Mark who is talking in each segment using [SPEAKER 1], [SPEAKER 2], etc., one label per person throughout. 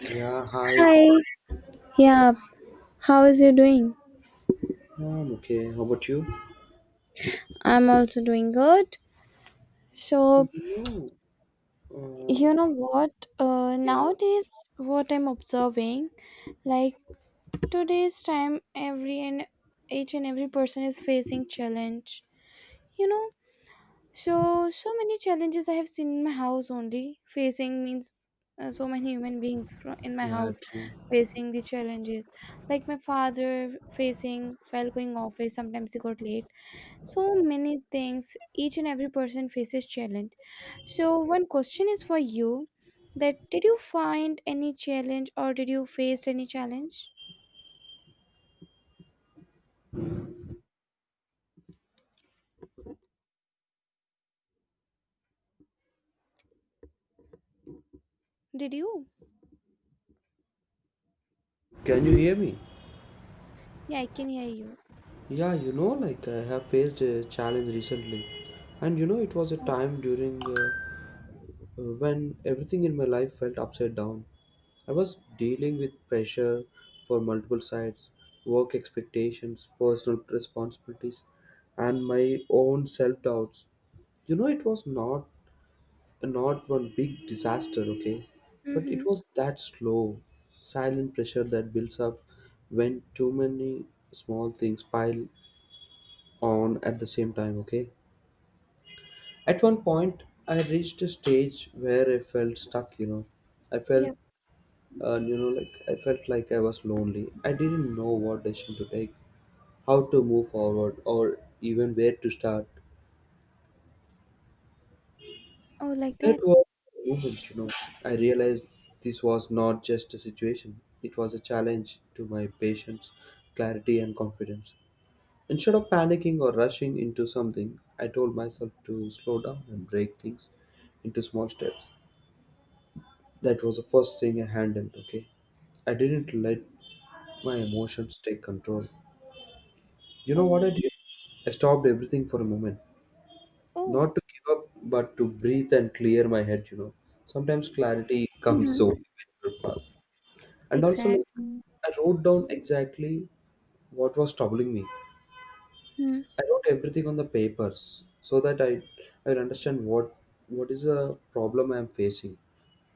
[SPEAKER 1] Yeah, hi.
[SPEAKER 2] Hi. Yeah. How is you doing?
[SPEAKER 1] Yeah, I'm okay. How about you?
[SPEAKER 2] I'm also doing good.
[SPEAKER 1] So,
[SPEAKER 2] So,
[SPEAKER 1] you know,
[SPEAKER 2] you
[SPEAKER 1] uh,
[SPEAKER 2] know what?
[SPEAKER 1] yeah,
[SPEAKER 2] Nowadays, what I'm observing, like today's time, every and each and every person is facing challenge. You know, so many challenges I have seen in my house only. Facing means so many human beings from in my
[SPEAKER 1] yeah,
[SPEAKER 2] house
[SPEAKER 1] true.
[SPEAKER 2] facing the challenges. Like my father facing while going office, sometimes he got late. So many things, each and every person faces challenge. So one question is for you. That did you find any challenge, or did you face any challenge? Did you?
[SPEAKER 1] Can you hear me?
[SPEAKER 2] Yeah, I can hear you.
[SPEAKER 1] Yeah, you know, like I have faced a challenge recently. And you know, it was a
[SPEAKER 2] Oh.
[SPEAKER 1] time during when everything in my life felt upside down. I was dealing with pressure for multiple sides, work expectations, personal responsibilities, and my own self doubts. You know, it was not one big disaster, okay? But it
[SPEAKER 2] Mm-hmm.
[SPEAKER 1] was that slow, silent pressure that builds up when too many small things pile on at the same time, okay? At 1 point, I reached a stage where I felt stuck, you know. I felt,
[SPEAKER 2] Yep.
[SPEAKER 1] I felt like I was lonely. I didn't know what decision to take, how to move forward, or even where to start.
[SPEAKER 2] Oh, like
[SPEAKER 1] That
[SPEAKER 2] that.
[SPEAKER 1] was the moment, you know. I realized this was not just a situation, it was a challenge to my patience, clarity, and confidence. Instead of panicking or rushing into something, I told myself to slow down and break things into small steps. That was the first thing I handled, okay? I didn't let my emotions take control. You know what I
[SPEAKER 2] Oh.
[SPEAKER 1] did? I stopped everything for a moment.
[SPEAKER 2] Oh.
[SPEAKER 1] Not to give up, but to breathe and clear my head, you know. Sometimes clarity comes so
[SPEAKER 2] Mm-hmm.
[SPEAKER 1] fast. And also, like,
[SPEAKER 2] Exactly.
[SPEAKER 1] I wrote down exactly what was troubling me.
[SPEAKER 2] Mm-hmm.
[SPEAKER 1] I wrote everything on the papers so that I will understand what is the problem I am facing.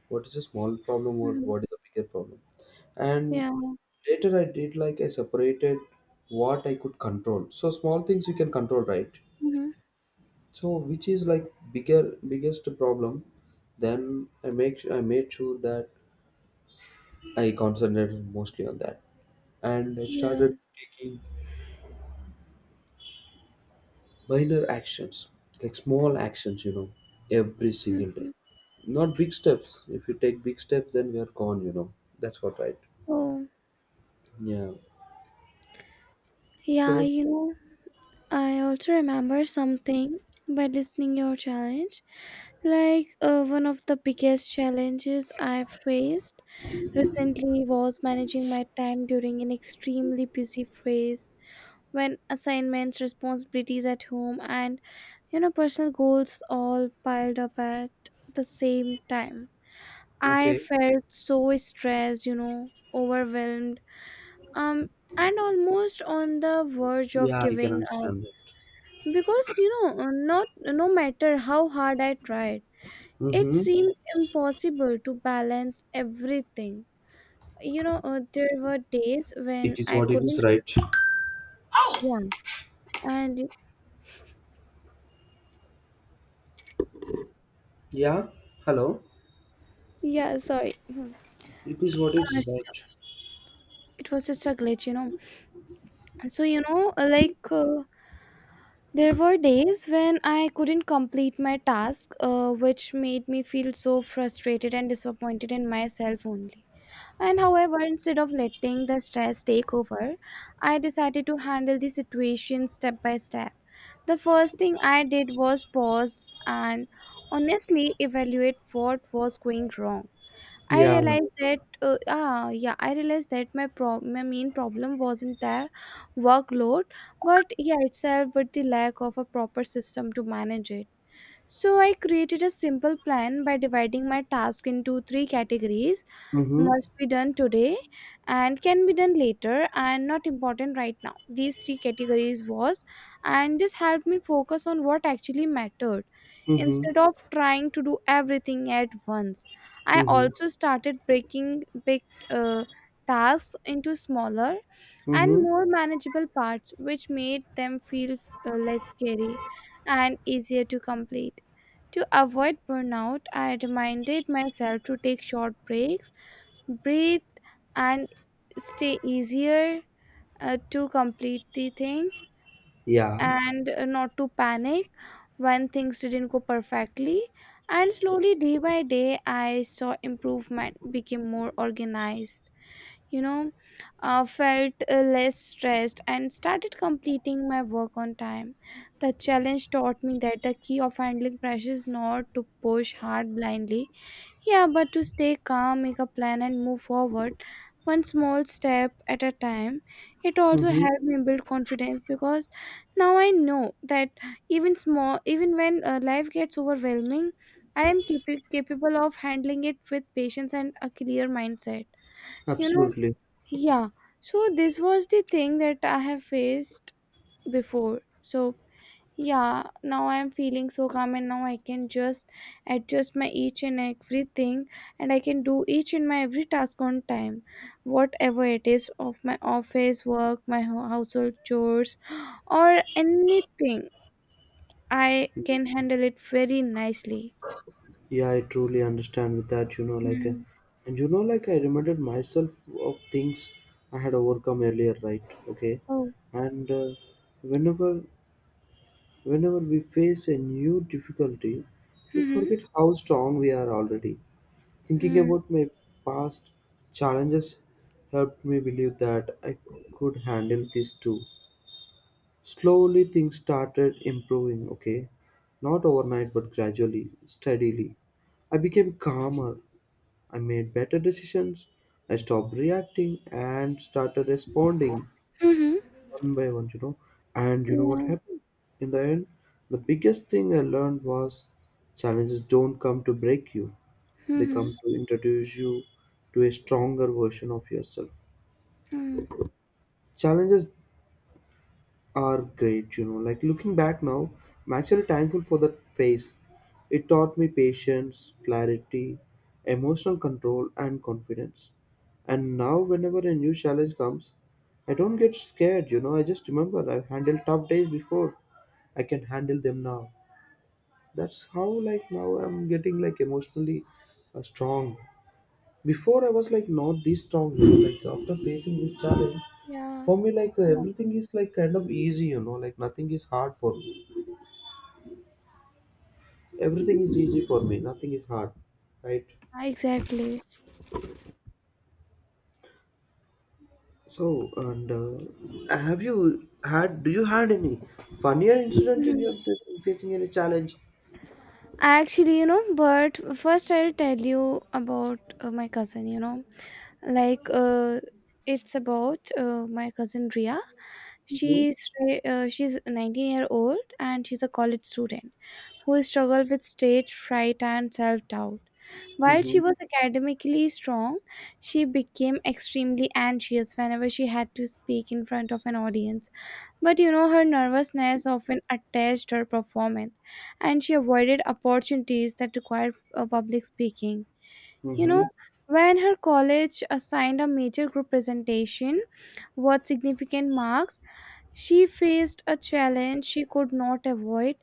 [SPEAKER 1] What is a small problem or what is a bigger problem. And
[SPEAKER 2] Yeah.
[SPEAKER 1] later I did like I separated what I could control. So small things you can control, right?
[SPEAKER 2] Mm-hmm.
[SPEAKER 1] So which is like bigger biggest problem. Then I made sure that I concentrated mostly on that, and I
[SPEAKER 2] Yeah.
[SPEAKER 1] started taking minor actions, like small actions, you know, every single
[SPEAKER 2] Mm-hmm.
[SPEAKER 1] day. Not big steps. If you take big steps, then we are gone, you know. That's what, right?
[SPEAKER 2] Oh,
[SPEAKER 1] Yeah. So
[SPEAKER 2] yeah,
[SPEAKER 1] what?
[SPEAKER 2] you know, I also remember something by listening your challenge. Like one of the biggest challenges I faced recently was managing my time during an extremely busy phase when assignments, responsibilities at home, and you know, personal goals all piled up at the same time. I
[SPEAKER 1] Okay.
[SPEAKER 2] felt so stressed, you know, overwhelmed, um, and almost on the verge of
[SPEAKER 1] Yeah, I can
[SPEAKER 2] giving up
[SPEAKER 1] understand that.
[SPEAKER 2] because you know, not no matter how hard I tried. It
[SPEAKER 1] Mm-hmm.
[SPEAKER 2] seemed impossible to balance everything. You know, there were days
[SPEAKER 1] It
[SPEAKER 2] when
[SPEAKER 1] is
[SPEAKER 2] I
[SPEAKER 1] what it is,
[SPEAKER 2] couldn't
[SPEAKER 1] right?
[SPEAKER 2] run, and
[SPEAKER 1] Yeah. Hello.
[SPEAKER 2] yeah, sorry,
[SPEAKER 1] It is what it
[SPEAKER 2] uh,
[SPEAKER 1] is,
[SPEAKER 2] sh-
[SPEAKER 1] right?
[SPEAKER 2] it was just a glitch, you know. So you know, like there were days when I couldn't complete my task, which made me feel so frustrated and disappointed in myself only. And however, instead of letting the stress take over, I decided to handle the situation step by step. The first thing I did was pause and honestly evaluate what was going wrong. I
[SPEAKER 1] Yeah.
[SPEAKER 2] realized that, yeah, I realized that my main problem wasn't their workload, but yeah, itself, but the lack of a proper system to manage it. So I created a simple plan by dividing my task into three categories:
[SPEAKER 1] Mm-hmm.
[SPEAKER 2] must be done today, and can be done later, and not important right now. These three categories was. And this helped me focus on what actually mattered
[SPEAKER 1] Mm-hmm.
[SPEAKER 2] instead of trying to do everything at once. I
[SPEAKER 1] Mm-hmm.
[SPEAKER 2] also started breaking big uh, tasks into smaller and
[SPEAKER 1] Mm-hmm.
[SPEAKER 2] more manageable parts, which made them feel less scary and easier to complete. To avoid burnout, I reminded myself to take short breaks, breathe, and stay easier to complete the things,
[SPEAKER 1] Yeah.
[SPEAKER 2] and not to panic when things didn't go perfectly. And slowly, day by day, I saw improvement, became more organized, you know, felt less stressed, and started completing my work on time. The challenge taught me that the key of handling pressure is not to push hard blindly, yeah, but to stay calm, make a plan, and move forward one small step at a time. It also
[SPEAKER 1] Mm-hmm.
[SPEAKER 2] helped me build confidence because now I know that even small, even when life gets overwhelming, I am capable of handling it with patience and a clear mindset, you know.
[SPEAKER 1] Absolutely.
[SPEAKER 2] Yeah. So this was the thing that I have faced before. So yeah, now I am feeling so calm, and now I can just adjust my each and everything, and I can do each and my every task on time, whatever it is, of my office work, my household chores, or anything. I can handle it very nicely.
[SPEAKER 1] Yeah, I truly understand with that.
[SPEAKER 2] Mm.
[SPEAKER 1] And you know, like, I reminded myself of things I had overcome earlier, right? Okay,
[SPEAKER 2] Oh.
[SPEAKER 1] and whenever, whenever we face a new difficulty, we
[SPEAKER 2] Mm-hmm.
[SPEAKER 1] forget how strong we are already. Thinking
[SPEAKER 2] Mm-hmm.
[SPEAKER 1] about my past challenges helped me believe that I could handle this too. Slowly, things started improving, okay, not overnight, but gradually, steadily. I became calmer, I made better decisions. I stopped reacting and started responding one by one, you know. And you know what
[SPEAKER 2] Yeah.
[SPEAKER 1] happened? In the end, the biggest thing I learned was challenges don't come to break you, they
[SPEAKER 2] Mm-hmm.
[SPEAKER 1] come to introduce you to a stronger version of yourself. Challenges are great, you know, like looking back now, I'm actually thankful for that phase. It taught me patience, clarity, emotional control, and confidence. And now whenever a new challenge comes, I don't get scared, you know. I just remember I've handled tough days before, I can handle them now. That's how like now I'm getting emotionally strong. Before I was like not this strong, you know, like after facing this challenge,
[SPEAKER 2] Yeah.
[SPEAKER 1] for me like
[SPEAKER 2] Yeah.
[SPEAKER 1] everything is like kind of easy, you know, like nothing is hard for me. Everything is easy for me. Nothing is hard, right?
[SPEAKER 2] Yeah, exactly.
[SPEAKER 1] So and have you had? Do you had any funnier incident in
[SPEAKER 2] Mhm.
[SPEAKER 1] your in facing any challenge?
[SPEAKER 2] Actually, you know, but first I'll tell you about my cousin, you know. Like it's about my cousin Ria.
[SPEAKER 1] Hmm.
[SPEAKER 2] She's 19-year-old and she's a college student who struggled with stage fright and self-doubt. While she
[SPEAKER 1] Mm-hmm.
[SPEAKER 2] was academically strong, she became extremely anxious whenever she had to speak in front of an audience. But you know, her nervousness often attached her performance, and she avoided opportunities that required public speaking. You know,
[SPEAKER 1] Mm-hmm.
[SPEAKER 2] when her college assigned a major group presentation worth significant marks, she faced a challenge she could not avoid.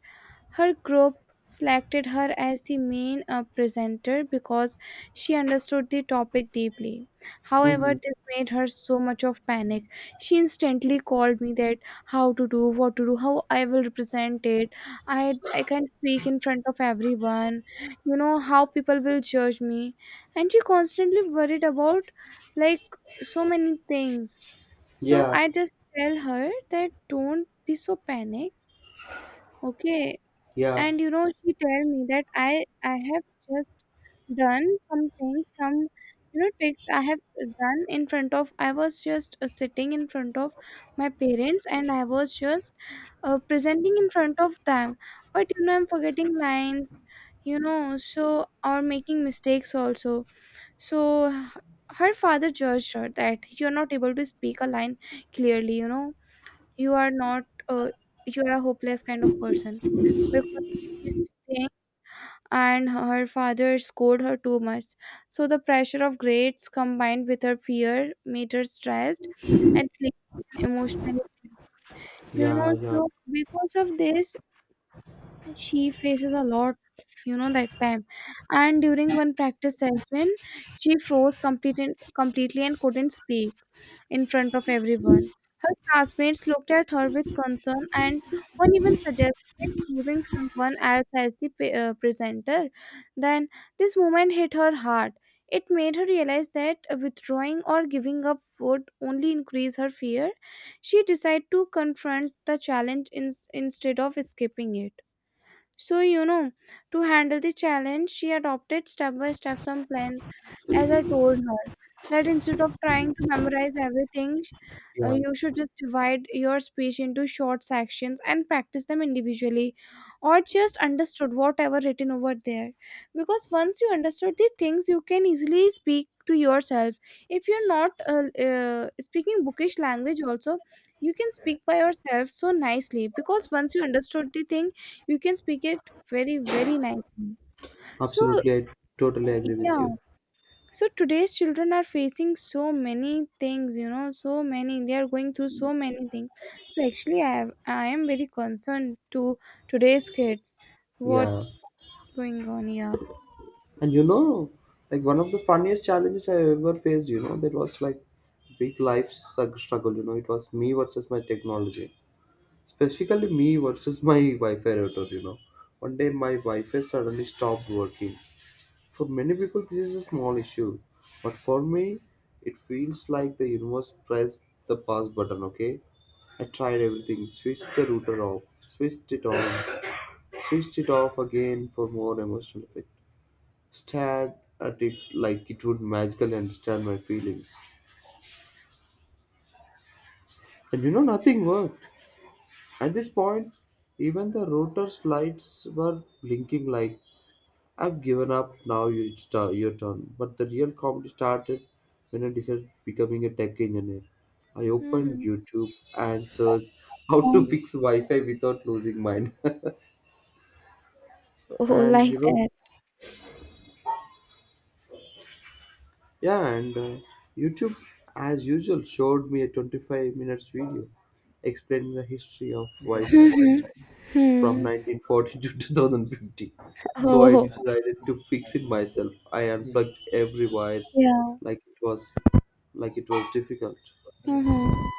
[SPEAKER 2] Her group selected her as the main presenter because she understood the topic deeply. However,
[SPEAKER 1] Mm-hmm.
[SPEAKER 2] this made her so much of panic. She instantly called me that how to do, what to do, how I will represent it. I can't speak in front of everyone. You know how people will judge me. And she constantly worried about, like, so many things. So
[SPEAKER 1] Yeah,
[SPEAKER 2] I just tell her that don't be so panic. Okay,
[SPEAKER 1] yeah,
[SPEAKER 2] and you know she tell me that I have just done some things, some, you know, tricks I have done in front of. I was just sitting in front of my parents and I was just presenting in front of them, but you know I'm forgetting lines, you know, so, or making mistakes also. So her father judged her that you're not able to speak a line clearly, you know. You are not you are a hopeless kind of person because of these things, and her father scolded her too much. So the pressure of grades combined with her fear made her stressed and sleep emotionally drained. You
[SPEAKER 1] yeah,
[SPEAKER 2] know,
[SPEAKER 1] yeah,
[SPEAKER 2] so because of this, she faces a lot, you know, that time. And during one practice session, she froze completely, completely, and couldn't speak in front of everyone. Her classmates looked at her with concern and one even suggested choosing someone else as the presenter. Then this moment hit her hard. It made her realize that withdrawing or giving up would only increase her fear. She decided to confront the challenge instead of escaping it. So, you know, to handle the challenge, she adopted step by step some plans, as I told her. That instead of trying to memorize everything, you
[SPEAKER 1] yeah.
[SPEAKER 2] should just divide your speech into short sections and practice them individually, or just understood whatever written over there. Because once you understood the things, you can easily speak to yourself. If you're not speaking bookish language, also you can speak by yourself so nicely. Because once you understood the thing, you can speak it very very nicely. So
[SPEAKER 1] Absolutely, I totally agree with
[SPEAKER 2] yeah,
[SPEAKER 1] you.
[SPEAKER 2] so today's children are facing so many things, you know, so many they are going through so many things. So actually I have, I am very concerned to today's kids
[SPEAKER 1] Yeah.
[SPEAKER 2] what's going on here.
[SPEAKER 1] And you know, like one of the funniest challenges I ever faced, you know, that was like struggle, you know. It was me versus my technology. Specifically, me versus my Wi Fi router, you know. 1 day, my Wi Fi suddenly stopped working. For many people, this is a small issue, but for me, it feels like the universe pressed the pause button, okay? I tried everything, switched the router off, switched it on, switched it off again for more emotional effect, stared at it like it would magically understand my feelings. And you know, nothing worked. At this point, even the router's lights were blinking like, I've given up, now your turn. But the real comedy started when I decided becoming a tech engineer. I opened
[SPEAKER 2] Mm-hmm.
[SPEAKER 1] YouTube and searched how to
[SPEAKER 2] Oh.
[SPEAKER 1] fix Wi Fi without losing mine.
[SPEAKER 2] Oh,
[SPEAKER 1] And
[SPEAKER 2] like
[SPEAKER 1] you know,
[SPEAKER 2] that.
[SPEAKER 1] Yeah, and YouTube, as usual, showed me a 25 minutes video explaining the history of Wi-Fi
[SPEAKER 2] mm-hmm.
[SPEAKER 1] from
[SPEAKER 2] Hmm.
[SPEAKER 1] 1940 to 2050. So I
[SPEAKER 2] Oh.
[SPEAKER 1] decided to fix it myself. I unplugged every wire
[SPEAKER 2] Yeah.
[SPEAKER 1] like it was like it was difficult.
[SPEAKER 2] Mm-hmm.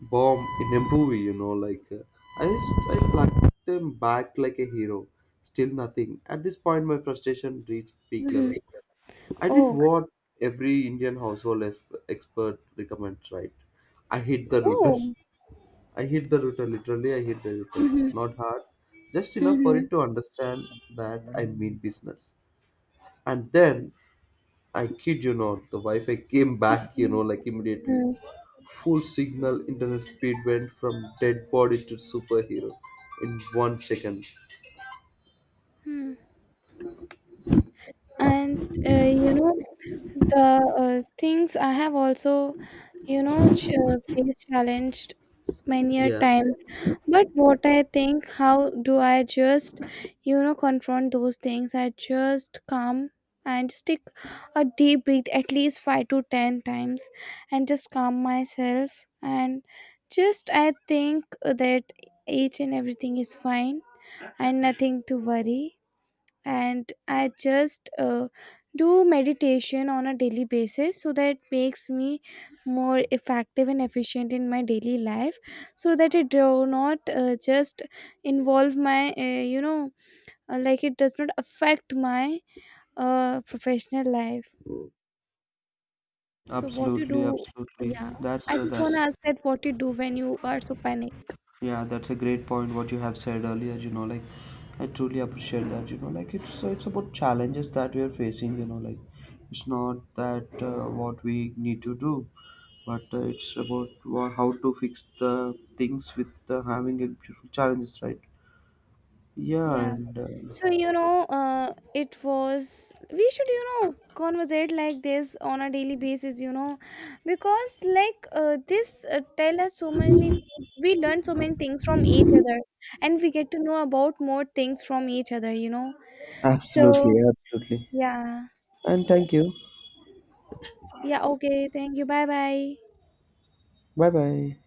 [SPEAKER 1] Bomb in a movie, you know, like I just I plugged them back like a hero. Still nothing. At this point, my frustration reached peak level.
[SPEAKER 2] Mm-hmm.
[SPEAKER 1] I did
[SPEAKER 2] Oh.
[SPEAKER 1] what every Indian household expert recommends, right? I hit the router.
[SPEAKER 2] Oh.
[SPEAKER 1] I hit the router, literally, I hit the router.
[SPEAKER 2] Mm-hmm.
[SPEAKER 1] Not hard, just enough for it to understand that I mean business. And then, I kid you not, the Wi Fi came back, you know, like immediately.
[SPEAKER 2] Mm-hmm.
[SPEAKER 1] Full signal, internet speed went from dead body to superhero in 1 second.
[SPEAKER 2] And you know the things I have also, you know, faced challenged many a
[SPEAKER 1] Yeah.
[SPEAKER 2] times. But what I think, how do I just, you know, confront those things, I just come and stick a deep breath at least 5 to 10 times and just calm myself, and just I think that each and everything is fine and nothing to worry. And I just do meditation on a daily basis, so that makes me more effective and efficient in my daily life, so that it do not just involve my you know like it does not affect my professional life. So what you do?
[SPEAKER 1] Absolutely.
[SPEAKER 2] Yeah.
[SPEAKER 1] That's
[SPEAKER 2] I
[SPEAKER 1] uh,
[SPEAKER 2] just want to
[SPEAKER 1] that's
[SPEAKER 2] ask that what you do when you are so panic.
[SPEAKER 1] yeah, that's a great point what you have said earlier, you know, like I truly appreciate that, you know, like it's about challenges that we are facing, you know, like it's not that what we need to do, but it's about how to fix the things with having a beautiful challenges, right? Yeah,
[SPEAKER 2] Yeah.
[SPEAKER 1] and
[SPEAKER 2] So you know, it was we should you know conversate like this on a daily basis. You know, because like this tell us so many things. We learn so many things from each other, and we get to know about more things from each other. You know, so
[SPEAKER 1] absolutely.
[SPEAKER 2] yeah,
[SPEAKER 1] And thank you.
[SPEAKER 2] yeah. Okay, thank you. Bye bye.
[SPEAKER 1] Bye bye.